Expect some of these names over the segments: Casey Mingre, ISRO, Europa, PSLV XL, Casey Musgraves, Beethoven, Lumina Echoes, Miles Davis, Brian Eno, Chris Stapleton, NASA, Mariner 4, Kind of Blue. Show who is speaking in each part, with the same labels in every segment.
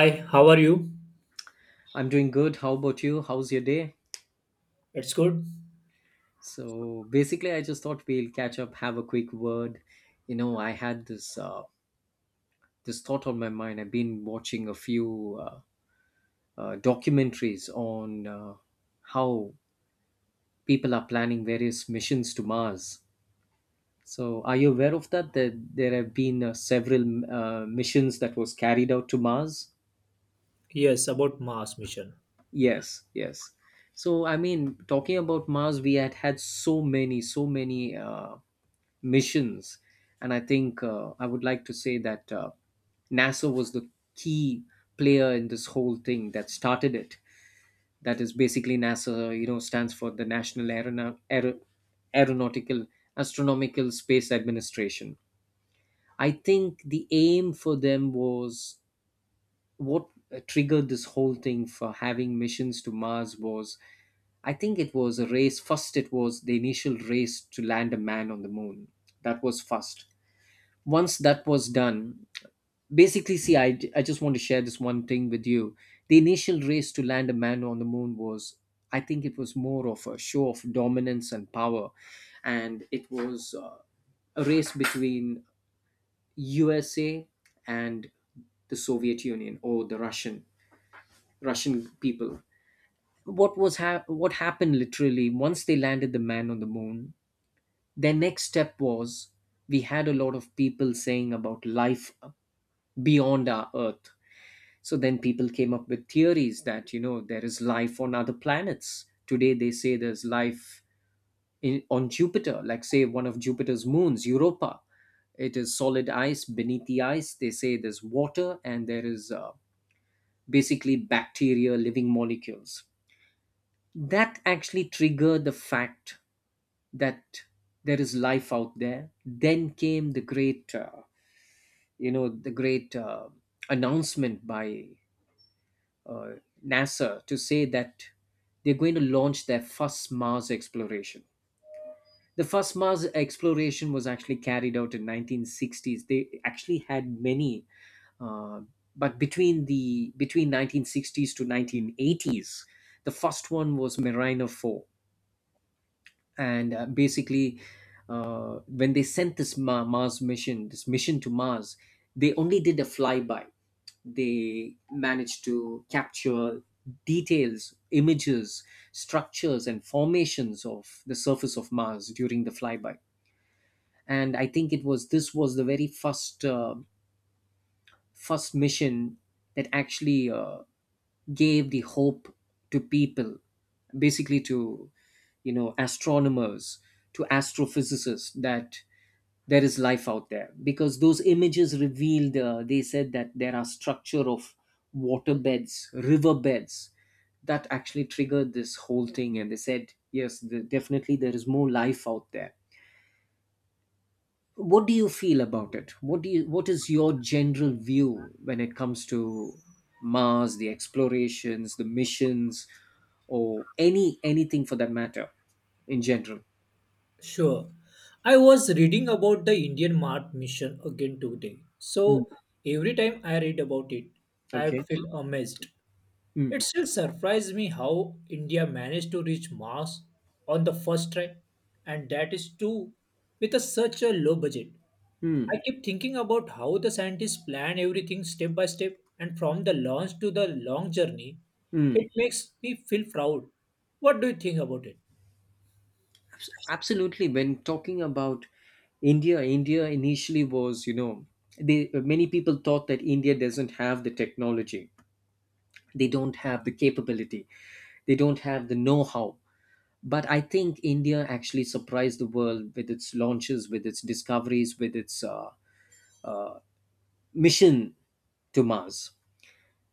Speaker 1: Hi, how are you?
Speaker 2: I'm doing good. How about you? How's your day?
Speaker 1: It's good.
Speaker 2: So basically, I just thought we'll catch up, have a quick word. You know, I had this thought on my mind. I've been watching a few documentaries on how people are planning various missions to Mars. So, are you aware of that? That there have been several missions that was carried out to Mars.
Speaker 1: Yes, about Mars mission.
Speaker 2: Yes, yes. So, I mean, talking about Mars, we had had so many missions. And I think I would like to say that NASA was the key player in this whole thing that started it. That is basically NASA, stands for the National Aeronautical Astronomical Space Administration. I think the aim for them was what triggered this whole thing for having missions to Mars was, I think, it was a race. First, it was the initial race to land a man on the moon. That was first. Once that was done, basically, see, I just want to share this one thing with you. The initial race to land a man on the moon was, I think, it was more of a show of dominance and power. And it was a race between USA and the Soviet Union or the Russian. Russian people. What happened literally once they landed the man on the moon? Their next step was, we had a lot of people saying about life beyond our Earth. So then people came up with theories that there is life on other planets. Today they say there's life on Jupiter, like say one of Jupiter's moons, Europa. It is solid ice. Beneath the ice, they say there's water and there is basically bacteria, living molecules, that actually triggered the fact that there is life out there. Then came the great announcement by uh, NASA to say that they're going to launch their first Mars exploration. The first Mars exploration was actually carried out in 1960s. They actually had many, uh, but between the between 1960s to 1980s, the first one was Mariner 4. And basically, when they sent this mission to Mars, they only did a flyby. They managed to capture details, images, structures and formations of the surface of Mars during the flyby. And I think it was this was the very first mission that actually gave the hope to people, basically to, astronomers, to astrophysicists, that there is life out there, because those images revealed, they said that there are structure of water beds, river beds. That actually triggered this whole thing, and they said, yes, definitely there is more life out there. What do you feel about it? What is your general view when it comes to Mars, the explorations, the missions, or anything for that matter, in general?
Speaker 1: Sure. I was reading about the Indian Mars mission again today.
Speaker 2: Mm.
Speaker 1: So every time I read about it, I
Speaker 2: Okay.
Speaker 1: feel amazed. It
Speaker 2: mm,
Speaker 1: still surprised me how India managed to reach Mars on the first try, and that is too with a, such a low budget.
Speaker 2: mm.
Speaker 1: I keep thinking about how the scientists plan everything step by step and from the launch to the long journey.
Speaker 2: Mm.
Speaker 1: It makes me feel proud. What do you think about it?
Speaker 2: Absolutely. When talking about India, India initially was, you know, they many people thought that India doesn't have the technology. They don't have the capability. They don't have the know-how. But I think India actually surprised the world with its launches, with its discoveries, with its mission to Mars.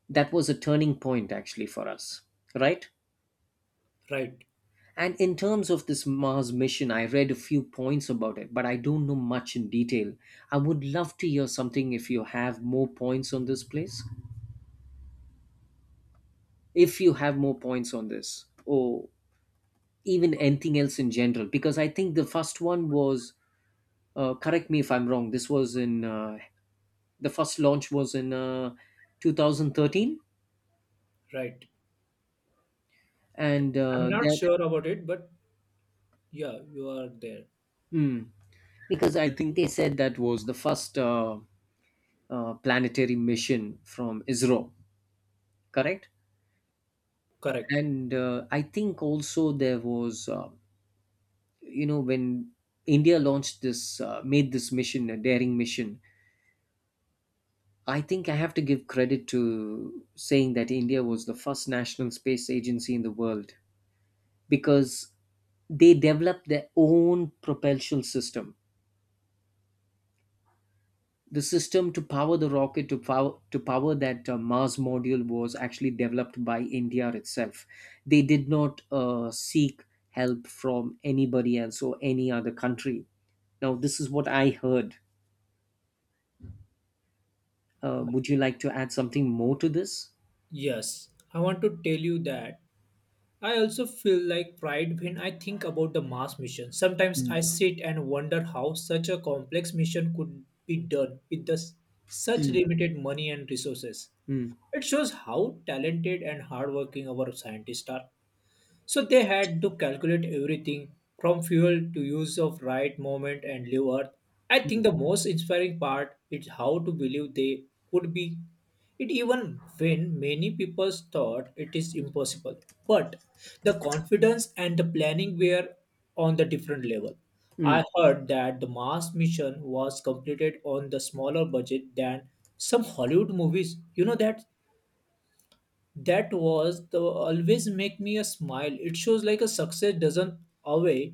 Speaker 2: That was a turning point actually for us, right?
Speaker 1: Right,
Speaker 2: And in terms of this Mars mission, I read a few points about it, but I don't know much in detail. I would love to hear something if you have more points on this place, if you have more points on this, or even anything else in general, because I think the first one was, correct me if I'm wrong, this was in, the first launch was in 2013,
Speaker 1: right.
Speaker 2: and
Speaker 1: I'm not
Speaker 2: that,
Speaker 1: sure about it, but yeah, you are there.
Speaker 2: hmm, because I think they said that was the first planetary mission from Israel, correct?
Speaker 1: Correct.
Speaker 2: And I think also there was, when India made this mission a daring mission. I think I have to give credit to saying that India was the first national space agency in the world, because they developed their own propulsion system. The system to power the rocket, to power that Mars module was actually developed by India itself. They did not seek help from anybody else or any other country. Now, this is what I heard. Would you like to add something more to this?
Speaker 1: Yes, I want to tell you that I also feel like pride when I think about the Mars mission. Sometimes I
Speaker 2: Mm,
Speaker 1: sit and wonder how such a complex mission could be done with such
Speaker 2: mm,
Speaker 1: limited money and resources.
Speaker 2: mm,
Speaker 1: It shows how talented and hardworking our scientists are. So they had to calculate everything from fuel to use of right moment and leave Earth. I think
Speaker 2: mm,
Speaker 1: the most inspiring part is how to believe they could be it even when many people thought it is impossible. But the confidence and the planning were on the different level.
Speaker 2: mm,
Speaker 1: I heard that the Mars mission was completed on the smaller budget than some Hollywood movies. You know that? That was the always make me a smile. It shows like a success doesn't always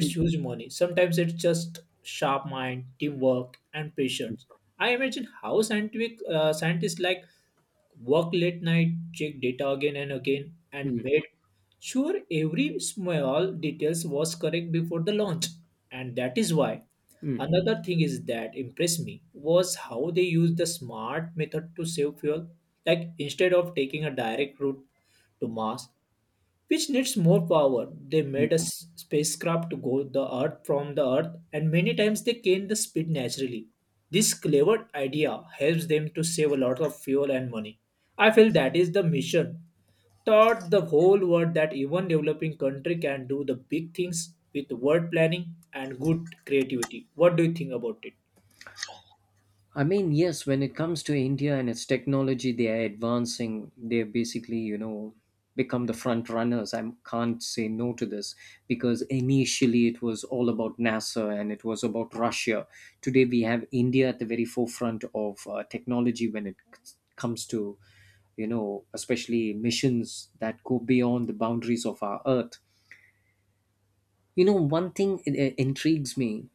Speaker 2: mm,
Speaker 1: huge money. Sometimes it's just sharp mind, teamwork and
Speaker 2: mm,
Speaker 1: patience. I imagine how scientific scientists like work late night, check data again and again and
Speaker 2: mm,
Speaker 1: made sure every small details was correct before the launch, and that is why.
Speaker 2: mm,
Speaker 1: Another thing is that impressed me was how they used the smart method to save fuel. Like instead of taking a direct route to Mars, which needs more power. They
Speaker 2: mm.
Speaker 1: made a spacecraft to go the Earth from the Earth, and many times they gain the speed naturally. This clever idea helps them to save a lot of fuel and money. I feel that is the mission. Taught the whole world that even developing country can do the big things with word planning and good creativity. What do you think about it?
Speaker 2: I mean, yes, when it comes to India and its technology, they are advancing. They're basically, become the front runners. I can't say no to this, because initially it was all about NASA and it was about Russia. Today we have India at the very forefront of technology when it comes to, especially missions that go beyond the boundaries of our Earth. You know, one thing intrigues me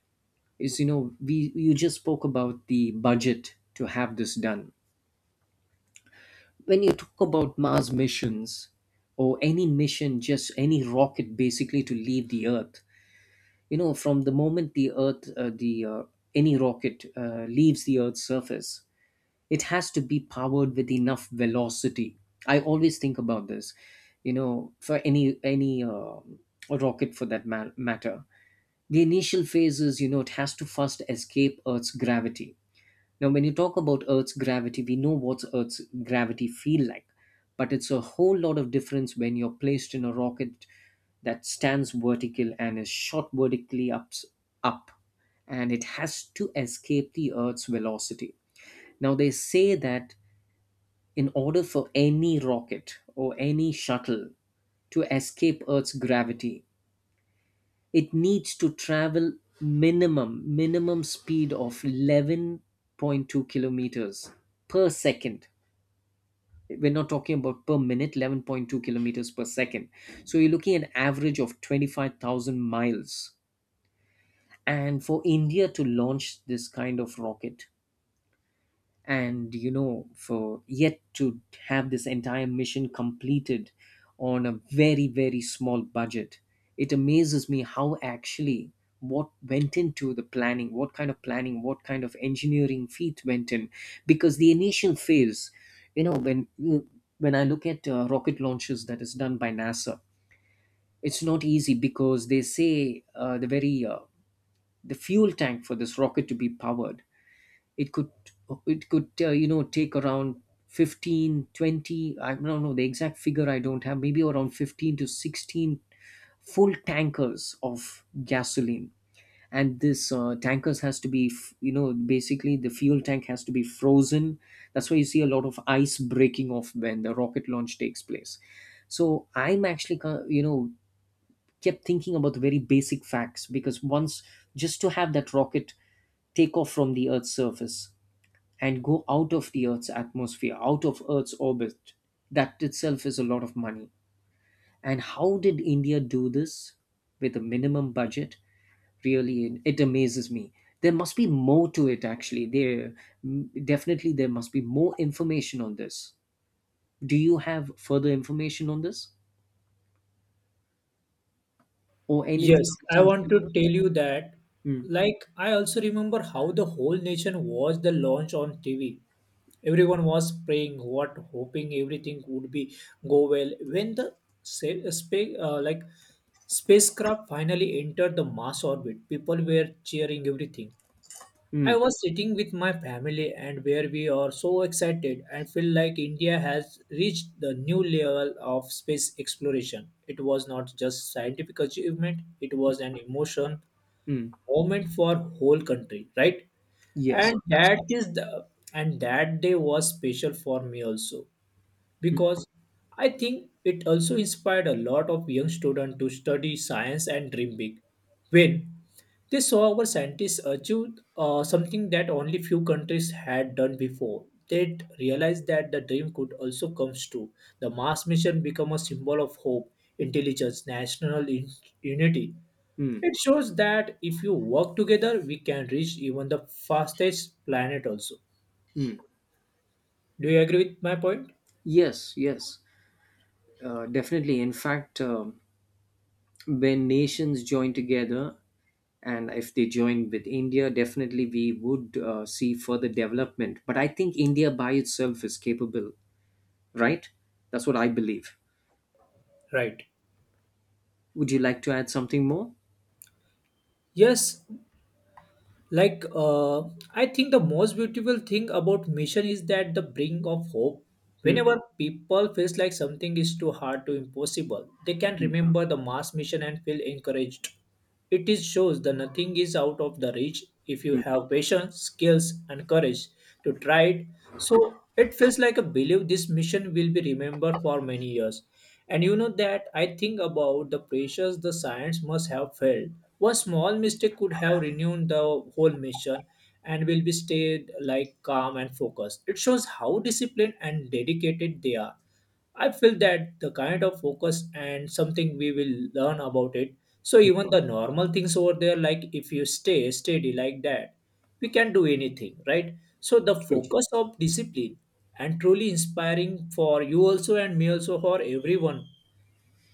Speaker 2: is, we you just spoke about the budget to have this done. When you talk about Mars missions or any mission, just any rocket basically to leave the Earth, from the moment the Earth, the any rocket leaves the Earth's surface, it has to be powered with enough velocity. I always think about this, for any rocket for that matter. The initial phases, it has to first escape Earth's gravity. Now, when you talk about Earth's gravity, we know what Earth's gravity feel like, but it's a whole lot of difference when you're placed in a rocket that stands vertical and is shot vertically up, and it has to escape the Earth's velocity. Now, they say that in order for any rocket or any shuttle to escape Earth's gravity, it needs to travel minimum speed of 11.2 kilometers per second. We're not talking about per minute. 11.2 kilometers per second. So you're looking at an average of 25,000 miles. And for India to launch this kind of rocket, and for yet to have this entire mission completed on a very, very small budget, it amazes me. How actually, what went into the planning, what kind of planning, what kind of engineering feat went in? Because the initial phase, when I look at rocket launches that is done by NASA, it's not easy, because they say the fuel tank for this rocket to be powered, it could it could take around 15, 20. I don't know the exact figure, I don't have, maybe around 15 to 16 full tankers of gasoline. And this, tankers has to be, basically the fuel tank has to be frozen. That's why you see a lot of ice breaking off when the rocket launch takes place. So I'm actually, kept thinking about the very basic facts, because once, just to have that rocket take off from the Earth's surface and go out of the Earth's atmosphere, out of Earth's orbit, that itself is a lot of money. And how did India do this with a minimum budget? Really, it amazes me. There must be more to it, actually. Definitely there must be more information on this. Do you have further information on this or
Speaker 1: Yes,
Speaker 2: anything else
Speaker 1: I
Speaker 2: in
Speaker 1: want to
Speaker 2: general?
Speaker 1: tell you that.
Speaker 2: Mm,
Speaker 1: Like, I also remember how the whole nation watched the launch on TV. Everyone was praying, what, hoping everything would be go well. When the sa- spa- uh, like spacecraft finally entered the Mars orbit, people were cheering everything. I
Speaker 2: mm,
Speaker 1: was sitting with my family and where we are so excited and feel like India has reached the new level of space exploration. It was not just scientific achievement, it was an emotion
Speaker 2: mm.
Speaker 1: moment for whole country, right?
Speaker 2: Yes,
Speaker 1: And
Speaker 2: absolutely.
Speaker 1: that is the and that day was special for me also
Speaker 2: Mm,
Speaker 1: because I think it also inspired a lot of young students to study science and dream big. When they saw our scientists achieved something that only few countries had done before. They realized that the dream could also come true. The Mars mission became a symbol of hope, intelligence, unity.
Speaker 2: mm,
Speaker 1: It shows that if you work together, we can reach even the fastest planet also.
Speaker 2: mm.
Speaker 1: Do you agree with my point?
Speaker 2: Yes, yes, definitely. In fact, when nations join together, and if they join with India, definitely we would see further development. But I think India by itself is capable, right? That's what I believe.
Speaker 1: Right.
Speaker 2: Would you like to add something more?
Speaker 1: Yes, like uh, I think the most beautiful thing about mission is that the brink of hope.
Speaker 2: Mm,
Speaker 1: Whenever people feels like something is too hard to impossible, they can
Speaker 2: mm,
Speaker 1: remember the Mars mission and feel encouraged. It is shows that nothing is out of the reach if you
Speaker 2: mm.
Speaker 1: have patience, skills and courage to try it. So it feels like a belief this mission will be remembered for many years. And you know that I think about the pressures the science must have felt. One small mistake could have renewed the whole mission and will be stayed like calm and focused. It shows how disciplined and dedicated they are. I feel that the kind of focus and something we will learn about it. So even the normal things over there, like if you stay steady like that, we can do anything, right? So the
Speaker 2: True.
Speaker 1: focus of discipline and truly inspiring for you also and me also for everyone.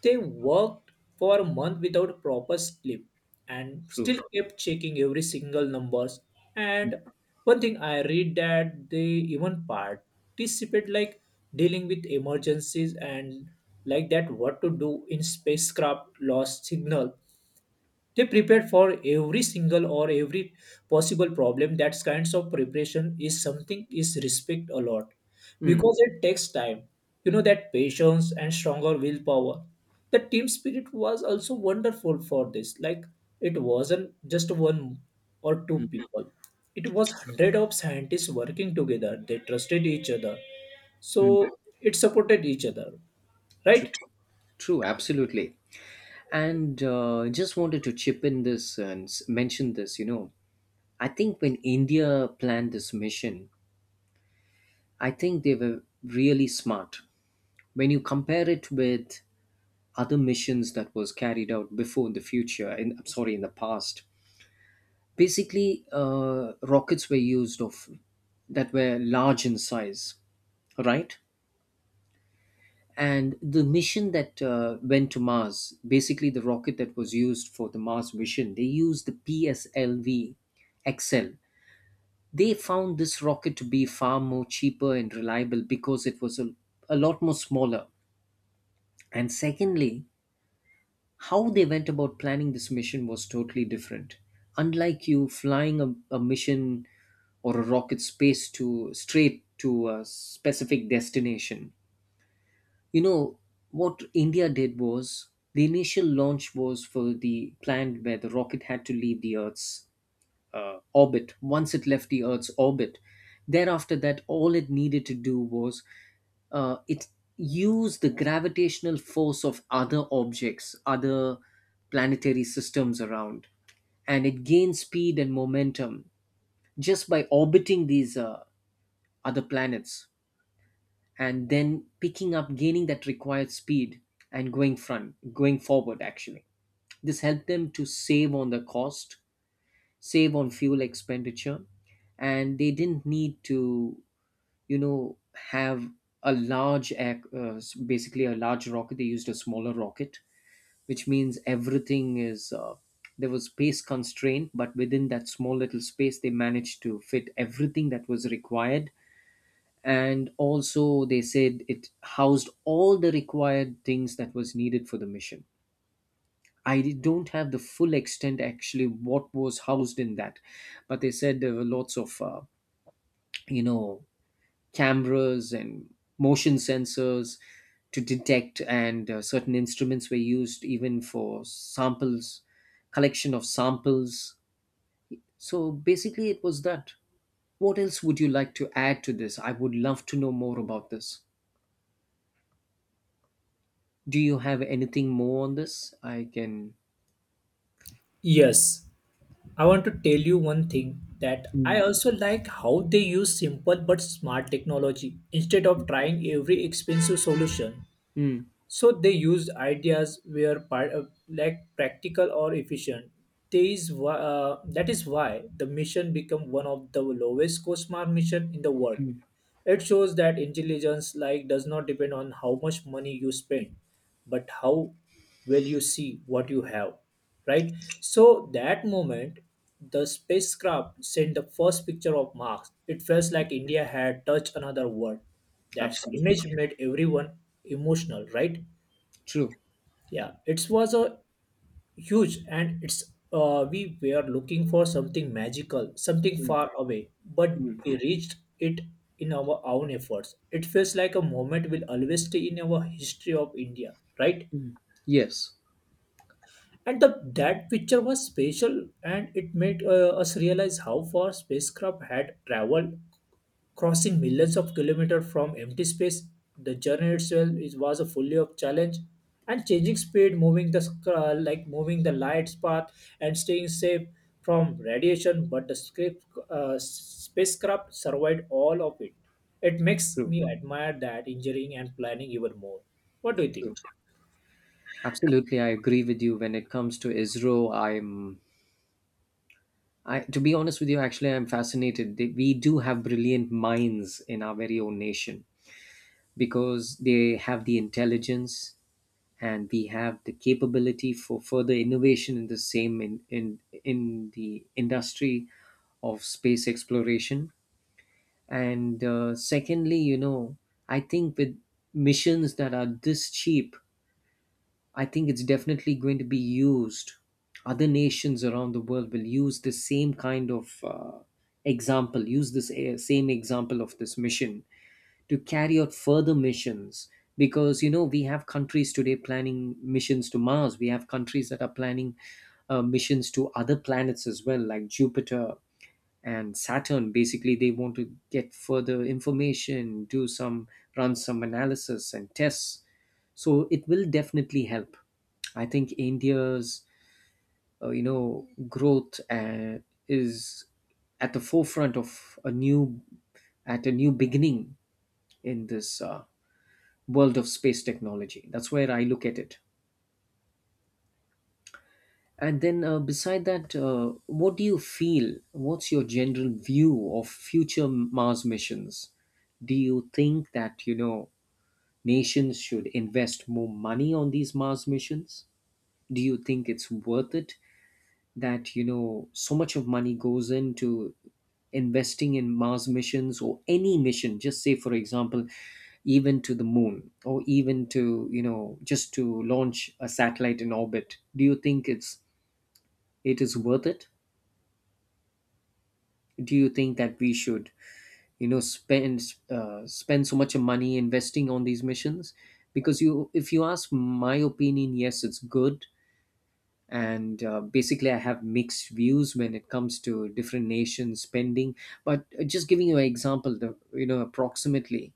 Speaker 1: They worked for a month without proper sleep and
Speaker 2: True.
Speaker 1: still kept checking every single numbers. And one thing I read that they even participate like dealing with emergencies and like that what to do in spacecraft lost signal. They prepared for every single or every possible problem. That kinds of preparation is something is respect a lot
Speaker 2: Mm,
Speaker 1: because it takes time. You know that patience and stronger willpower. The team spirit was also wonderful for this. Like it wasn't just one or two
Speaker 2: mm,
Speaker 1: people, it was hundred of scientists working together. They trusted each other, so
Speaker 2: mm.
Speaker 1: it supported each other,
Speaker 2: True.
Speaker 1: right?
Speaker 2: True. Absolutely. And just wanted to chip in this and mention this, I think when India planned this mission, I think they were really smart. When you compare it with other missions that was carried out before, in the future, in, I'm sorry, in the past, basically rockets were used of that were large in size, right? And the mission that went to Mars, basically the rocket that was used for the Mars mission, they used the PSLV XL. They found this rocket to be far more cheaper and reliable, because it was a lot more smaller. And secondly, how they went about planning this mission was totally different. Unlike you flying a mission or a rocket space to straight to a specific destination. You know, what India did was, the initial launch was for the planned where the rocket had to leave the Earth's orbit. Once it left the Earth's orbit, Thereafter, that all it needed to do was it used the gravitational force of other objects, other planetary systems around, and it gained speed and momentum just by orbiting these other planets and then gaining that required speed and going forward. Actually, this helped them to save on the cost, save on fuel expenditure, and they didn't need to have a large basically a large rocket. They used a smaller rocket, which means everything is there was space constraint, but within that small little space they managed to fit everything that was required. And also they said it housed all the required things that was needed for the mission. I don't have the full extent actually what was housed in that, but they said there were lots of you know cameras and motion sensors to detect, and certain instruments were used even for samples, collection of samples. So basically, it was that. What else would you like to add to this? I would love to know more about this. Do you have anything more on this? I can.
Speaker 1: Yes, I want to tell you one thing that I
Speaker 2: Mm,
Speaker 1: also like how they use simple but smart technology instead of trying every expensive solution.
Speaker 2: mm,
Speaker 1: So they used ideas were practical or efficient. That is why the mission become one of the lowest cost smart mission in the world.
Speaker 2: mm.
Speaker 1: It shows that intelligence like does not depend on how much money you spend, but how well you see what you have, right? So that moment, the spacecraft sent the first picture of Mars. It felt like India had touched another world. That
Speaker 2: Absolutely.
Speaker 1: image made everyone emotional, right?
Speaker 2: True.
Speaker 1: Yeah, it was a huge, and it's we were looking for something magical, something
Speaker 2: Mm,
Speaker 1: far away, but
Speaker 2: mm.
Speaker 1: we reached it in our own efforts. It feels like a moment will always stay in our history of India, right?
Speaker 2: Mm. Yes,
Speaker 1: And that picture was special and it made us realize how far spacecraft had traveled, crossing millions of kilometers from empty space. The journey itself is, was a fully of challenge and changing speed, moving the moving the light's path and staying safe from radiation. But the spacecraft survived all of it. It makes
Speaker 2: true,
Speaker 1: me admire that engineering and planning even more. What do you think?
Speaker 2: true. Absolutely, I agree with you when it comes to ISRO. I to be honest with you, actually, I'm fascinated. They, we do have brilliant minds in our very own nation because they have the intelligence, and we have the capability for further innovation in the same in the industry of space exploration. And secondly, you know, I think with missions that are this cheap, I think it's definitely going to be used. Other nations around the world will use the same kind of example, use this same example of this mission to carry out further missions. Because you know, we have countries today planning missions to Mars, we have countries that are planning missions to other planets as well, like Jupiter and Saturn. Basically, they want to get further information, do some run some analysis and tests. So it will definitely help. I think India's growth is at the forefront of a new, at a new beginning in this world of space technology. That's where I look at it. And then, beside that, what do you feel? What's your general view of future Mars missions? Do you think that, you know, nations should invest more money on these Mars missions? Do you think it's worth it that, you know, so much of money goes into investing in Mars missions or any mission? Just say, for example, even to the moon or even to, you know, just to launch a satellite in orbit. Do you think it is worth it? Do you think that we should, you know, spend so much money investing on these missions? Because, you, if you ask my opinion, yes, it's good. And basically I have mixed views when it comes to different nations spending. But just giving you an example, the, you know, approximately,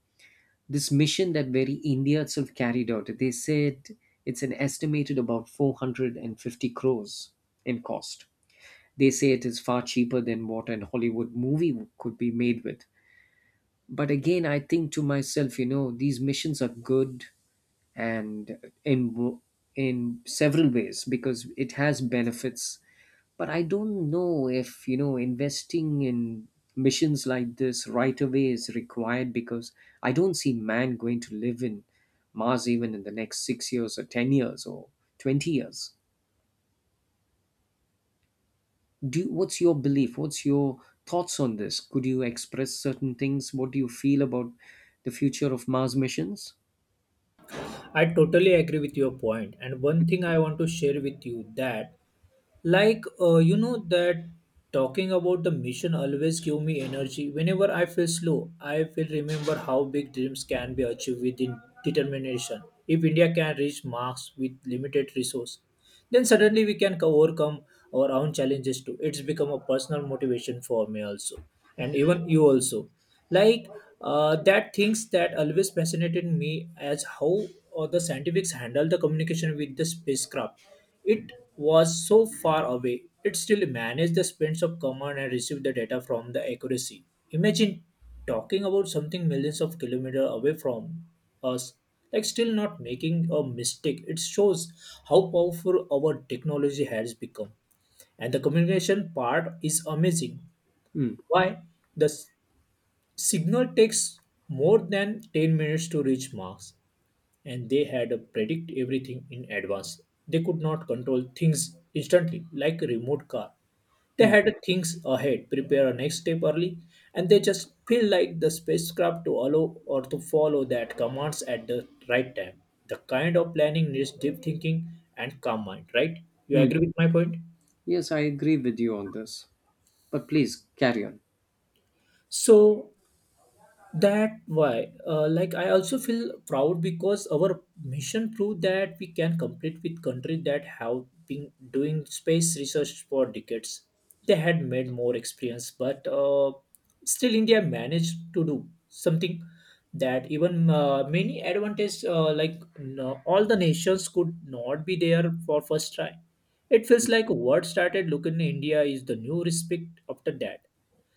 Speaker 2: this mission that very India itself carried out, they said it's an estimated about 450 crores in cost. They say it is far cheaper than what an Hollywood movie could be made with. But again, I think to myself, you know, these missions are good and in in several ways because it has benefits. But I don't know if, you know, investing in missions like this right away is required, because I don't see man going to live in Mars even in the next 6 years or 10 years or 20 years. Do What's your belief? What's your thoughts on this? Could you express certain things? What do you feel about the future of Mars missions?
Speaker 1: I totally agree with your point, and one thing I want to share with you that you know that talking about the mission always give me energy. Whenever I feel slow, I will remember how big dreams can be achieved within determination. If India can reach marks with limited resource, then suddenly we can overcome our own challenges too. It's become a personal motivation for me also and even you also. Like that things that always fascinated me as how the scientifics handle the communication with the spacecraft. It was so far away, it still managed the sprints of command and received the data from the accuracy. Imagine talking about something millions of kilometers away from us, like still not making a mistake. It shows how powerful our technology has become. And the communication part is amazing.
Speaker 2: Hmm.
Speaker 1: Why? The signal takes more than 10 minutes to reach Mars and they had to predict everything in advance. They could not control things instantly like a remote car. They had to think ahead, prepare a next step early, and they just feel like the spacecraft to allow or to follow that commands at the right time. The kind of planning needs deep thinking and calm mind, right? You
Speaker 2: Hmm.
Speaker 1: agree with my point?
Speaker 2: Yes, I agree with you on this. But please carry on.
Speaker 1: So that why I also feel proud because our mission proved that we can compete with countries that have been doing space research for decades. They had made more experience, but still India managed to do something that even many advantage like no, all the nations could not be there for first try. It feels like what started looking in India is the new respect after that.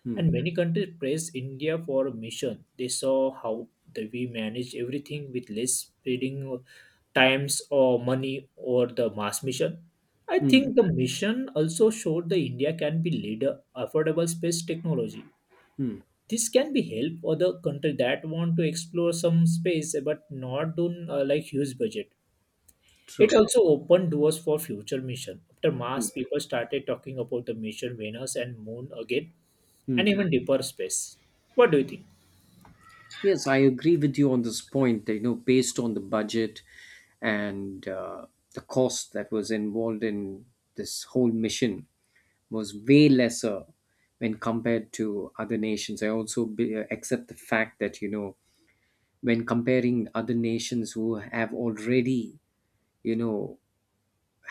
Speaker 2: Hmm.
Speaker 1: And many countries praised India for a mission. They saw how we manage everything with less spending times or money or the mass mission. I
Speaker 2: Hmm.
Speaker 1: think the mission also showed that India can be leader affordable space technology. This can be help other country that want to explore some space but not on huge budget. It
Speaker 2: True.
Speaker 1: also opened doors for future mission. After Mars, people started talking about the mission Venus and Moon again and
Speaker 2: Hmm.
Speaker 1: even deeper space. What do you think?
Speaker 2: Yes, I agree with you on this point. You know, based on the budget and the cost that was involved in this whole mission was way lesser when compared to other nations. I accept the fact that, you know, when comparing other nations who have already, you know,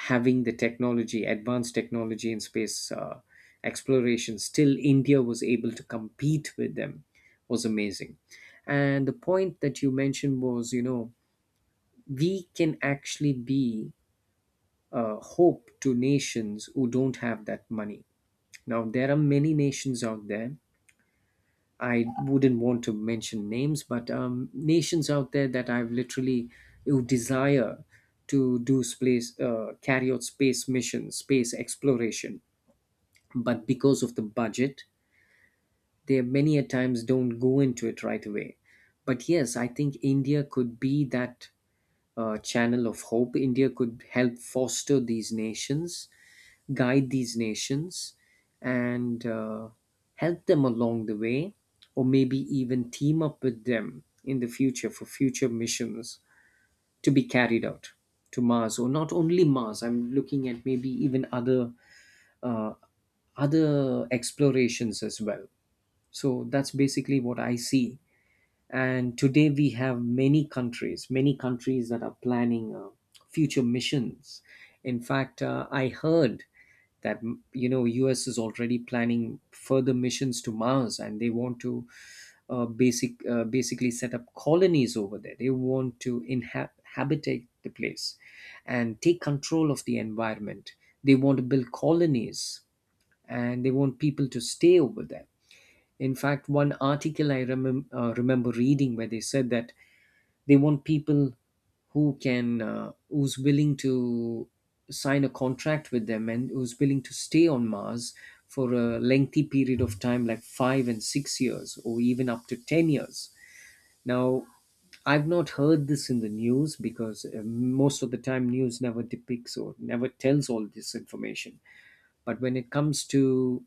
Speaker 2: having the technology, advanced technology in space exploration, still India was able to compete with them, was amazing. And the point that you mentioned was, you know, we can actually be a hope to nations who don't have that money. Now, there are many nations out there. I wouldn't want to mention names, but nations out there that I've literally, who desire to do space, carry out space missions, space exploration, but because of the budget they many a times don't go into it right away. But yes, I think India could be that channel of hope. India could help foster these nations, guide these nations, and help them along the way, or maybe even team up with them in the future for future missions to be carried out to Mars, or not only Mars, I'm looking at maybe even other uh, other explorations as well. So that's basically what I see. And today we have many countries that are planning future missions. In fact, I heard that, you know, US is already planning further missions to Mars, and they want to basically set up colonies over there. They want to habitate the place and take control of the environment. They want to build colonies, and they want people to stay over there. In fact, one article I remember reading where they said that they want people who's willing to sign a contract with them and who's willing to stay on Mars for a lengthy period of time, like 5 and 6 years, or even up to 10 years. Now, I've not heard this in the news because, most of the time news never depicts or never tells all this information. But when it comes to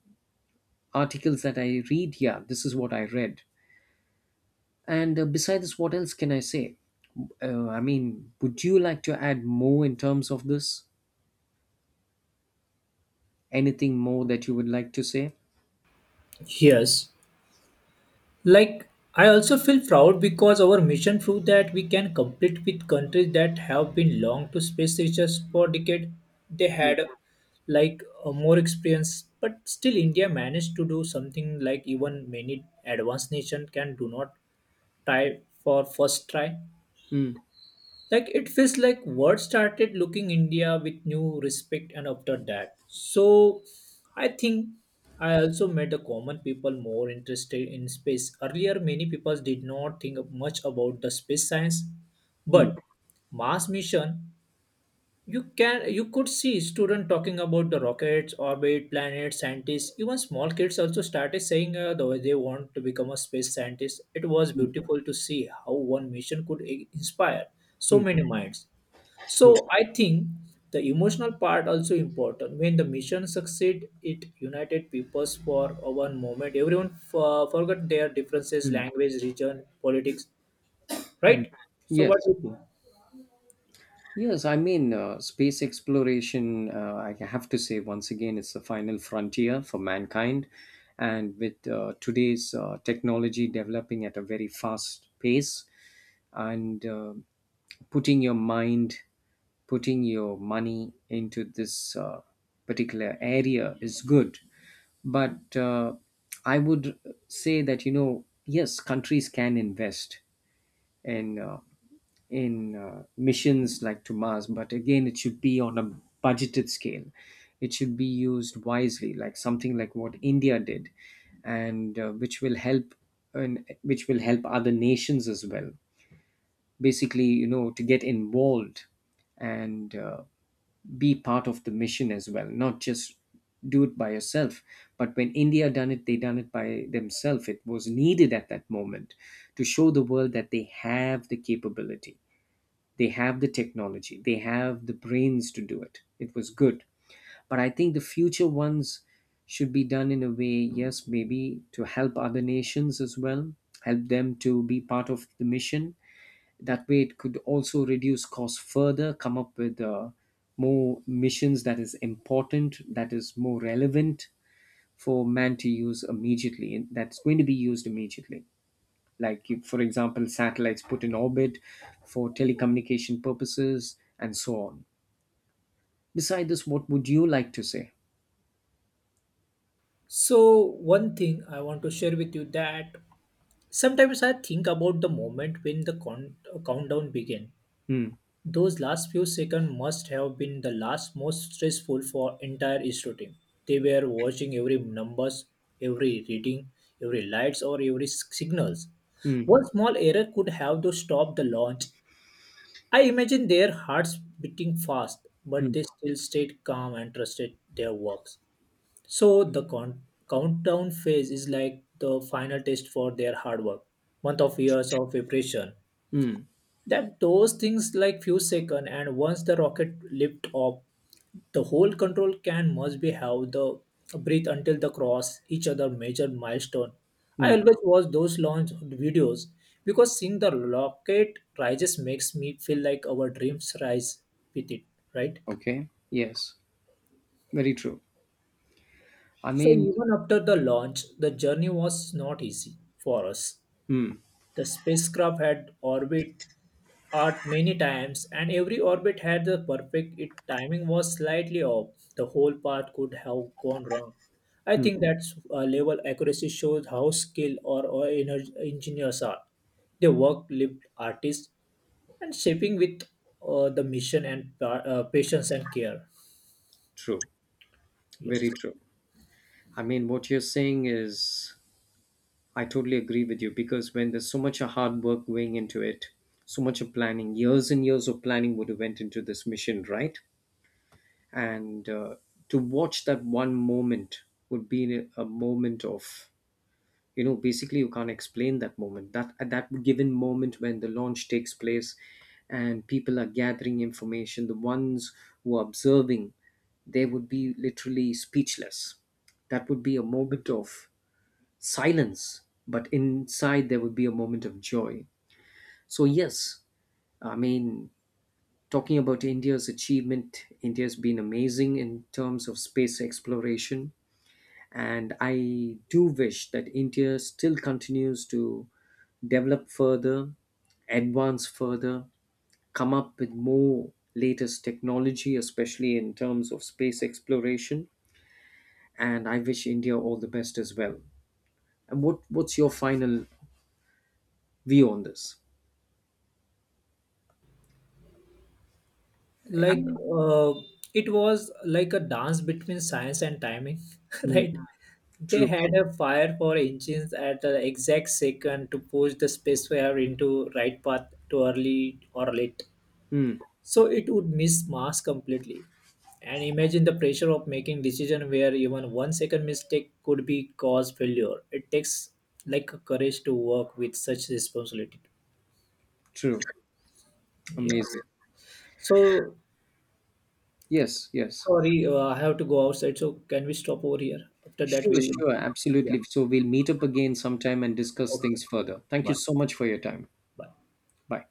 Speaker 2: articles that I read, yeah, this is what I read. And besides, what else can I say? I mean, would you like to add more in terms of this? Anything more that you would like to say?
Speaker 1: Yes, like I also feel proud because our mission proved that we can compete with countries that have been long to space research for decade. They
Speaker 2: Mm,
Speaker 1: had more experience, but still India managed to do something like even many advanced nation can do not try for first try.
Speaker 2: mm,
Speaker 1: Like it feels like world started looking India with new respect and after that. So I think I also made the common people more interested in space. Earlier many people did not think of much about the space science.
Speaker 2: mm,
Speaker 1: But Mars mission, you could see students talking about the rockets, orbit, planets, scientists. Even small kids also started saying the way they want to become a space scientist. It was
Speaker 2: mm,
Speaker 1: beautiful to see how one mission could inspire so
Speaker 2: mm,
Speaker 1: many minds. So
Speaker 2: true.
Speaker 1: I think the emotional part also important. When the mission succeed, it united peoples for one moment. Everyone forgot their differences,
Speaker 2: Mm,
Speaker 1: language, region, politics,
Speaker 2: mm.
Speaker 1: right? So what
Speaker 2: Yes.
Speaker 1: do you think?
Speaker 2: Yes, I mean, space exploration, I have to say once again, it's the final frontier for mankind. And with today's technology developing at a very fast pace, and putting your mind, putting your money into this particular area is good. But I would say that, you know, yes, countries can invest and in missions like to Mars, but again, it should be on a budgeted scale. It should be used wisely, like something like what India did, and which will help, and which will help other nations as well, basically, you know, to get involved and be part of the mission as well, not just do it by yourself. But when India done it, they done it by themselves. It was needed at that moment to show the world that they have the capability, they have the technology, they have the brains to do it. It was good. But I think the future ones should be done in a way, yes, maybe to help other nations as well, help them to be part of the mission. That way it could also reduce costs further, come up with more missions that is important, that is more relevant for man to use immediately, and that's going to be used immediately, like if, for example, satellites put in orbit for telecommunication purposes and so on. Beside this, what would you like to say?
Speaker 1: So one thing I want to share with you that sometimes I think about the moment when the countdown began.
Speaker 2: Hmm.
Speaker 1: Those last few seconds must have been the last most stressful for entire ISRO team. They were watching every numbers, every reading, every lights or every signals.
Speaker 2: Hmm.
Speaker 1: One small error could have to stop the launch. I imagine their hearts beating fast,
Speaker 2: Hmm.
Speaker 1: but they still stayed calm and trusted their works. So the countdown phase is like the final test for their hard work. Month of years of preparation
Speaker 2: Hmm,
Speaker 1: that those things like few second. And once the rocket lift up, the whole control can must be have the breathe until the cross each other major milestone. I
Speaker 2: hmm.
Speaker 1: always watch those launch videos because seeing the rocket rises makes me feel like our dreams rise with it, right?
Speaker 2: Okay, yes, very true, I
Speaker 1: So
Speaker 2: mean.
Speaker 1: even after the launch, the journey was not easy for us.
Speaker 2: Hmm,
Speaker 1: The spacecraft had orbit art many times, and every orbit had the perfect it timing was slightly off. The whole path could have gone wrong. I
Speaker 2: hmm.
Speaker 1: think that level accuracy shows how skilled or engineers are. They work, lived artists, and shaping with the mission and patience and care.
Speaker 2: True,
Speaker 1: Yes.
Speaker 2: very true, I mean. What you're saying is, I totally agree with you, because when there's so much of hard work going into it, so much of planning, years and years of planning would have went into this mission, right? And to watch that one moment would be a moment of, you know, basically you can't explain that moment. That at that given moment when the launch takes place, and people are gathering information, the ones who are observing, they would be literally speechless. That would be a moment of silence, but inside there would be a moment of joy. So, yes, I mean, talking about India's achievement, India's been amazing in terms of space exploration. And I do wish that India still continues to develop further, advance further, come up with more latest technology, especially in terms of space exploration. And I wish India all the best as well. And what, what's your final view on this? I
Speaker 1: like
Speaker 2: mean,
Speaker 1: uh, it was like a dance between science and timing
Speaker 2: Hmm.
Speaker 1: right. They
Speaker 2: True.
Speaker 1: had a fire for engines at the exact second to push the spaceware into right path to early or late,
Speaker 2: Hmm.
Speaker 1: so it would miss mass completely. And imagine the pressure of making decision where even 1 second mistake could be cause failure. It takes like courage to work with such responsibility.
Speaker 2: True.
Speaker 1: Yeah.
Speaker 2: Amazing.
Speaker 1: So
Speaker 2: Yes, yes.
Speaker 1: sorry, I have to go outside. So can we stop over here? After that,
Speaker 2: Sure,
Speaker 1: we will.
Speaker 2: sure.
Speaker 1: Yeah.
Speaker 2: Absolutely. So we'll meet up again sometime and discuss
Speaker 1: Okay.
Speaker 2: things further. Thank you
Speaker 1: Bye.
Speaker 2: so much for your time.
Speaker 1: Bye.
Speaker 2: Bye.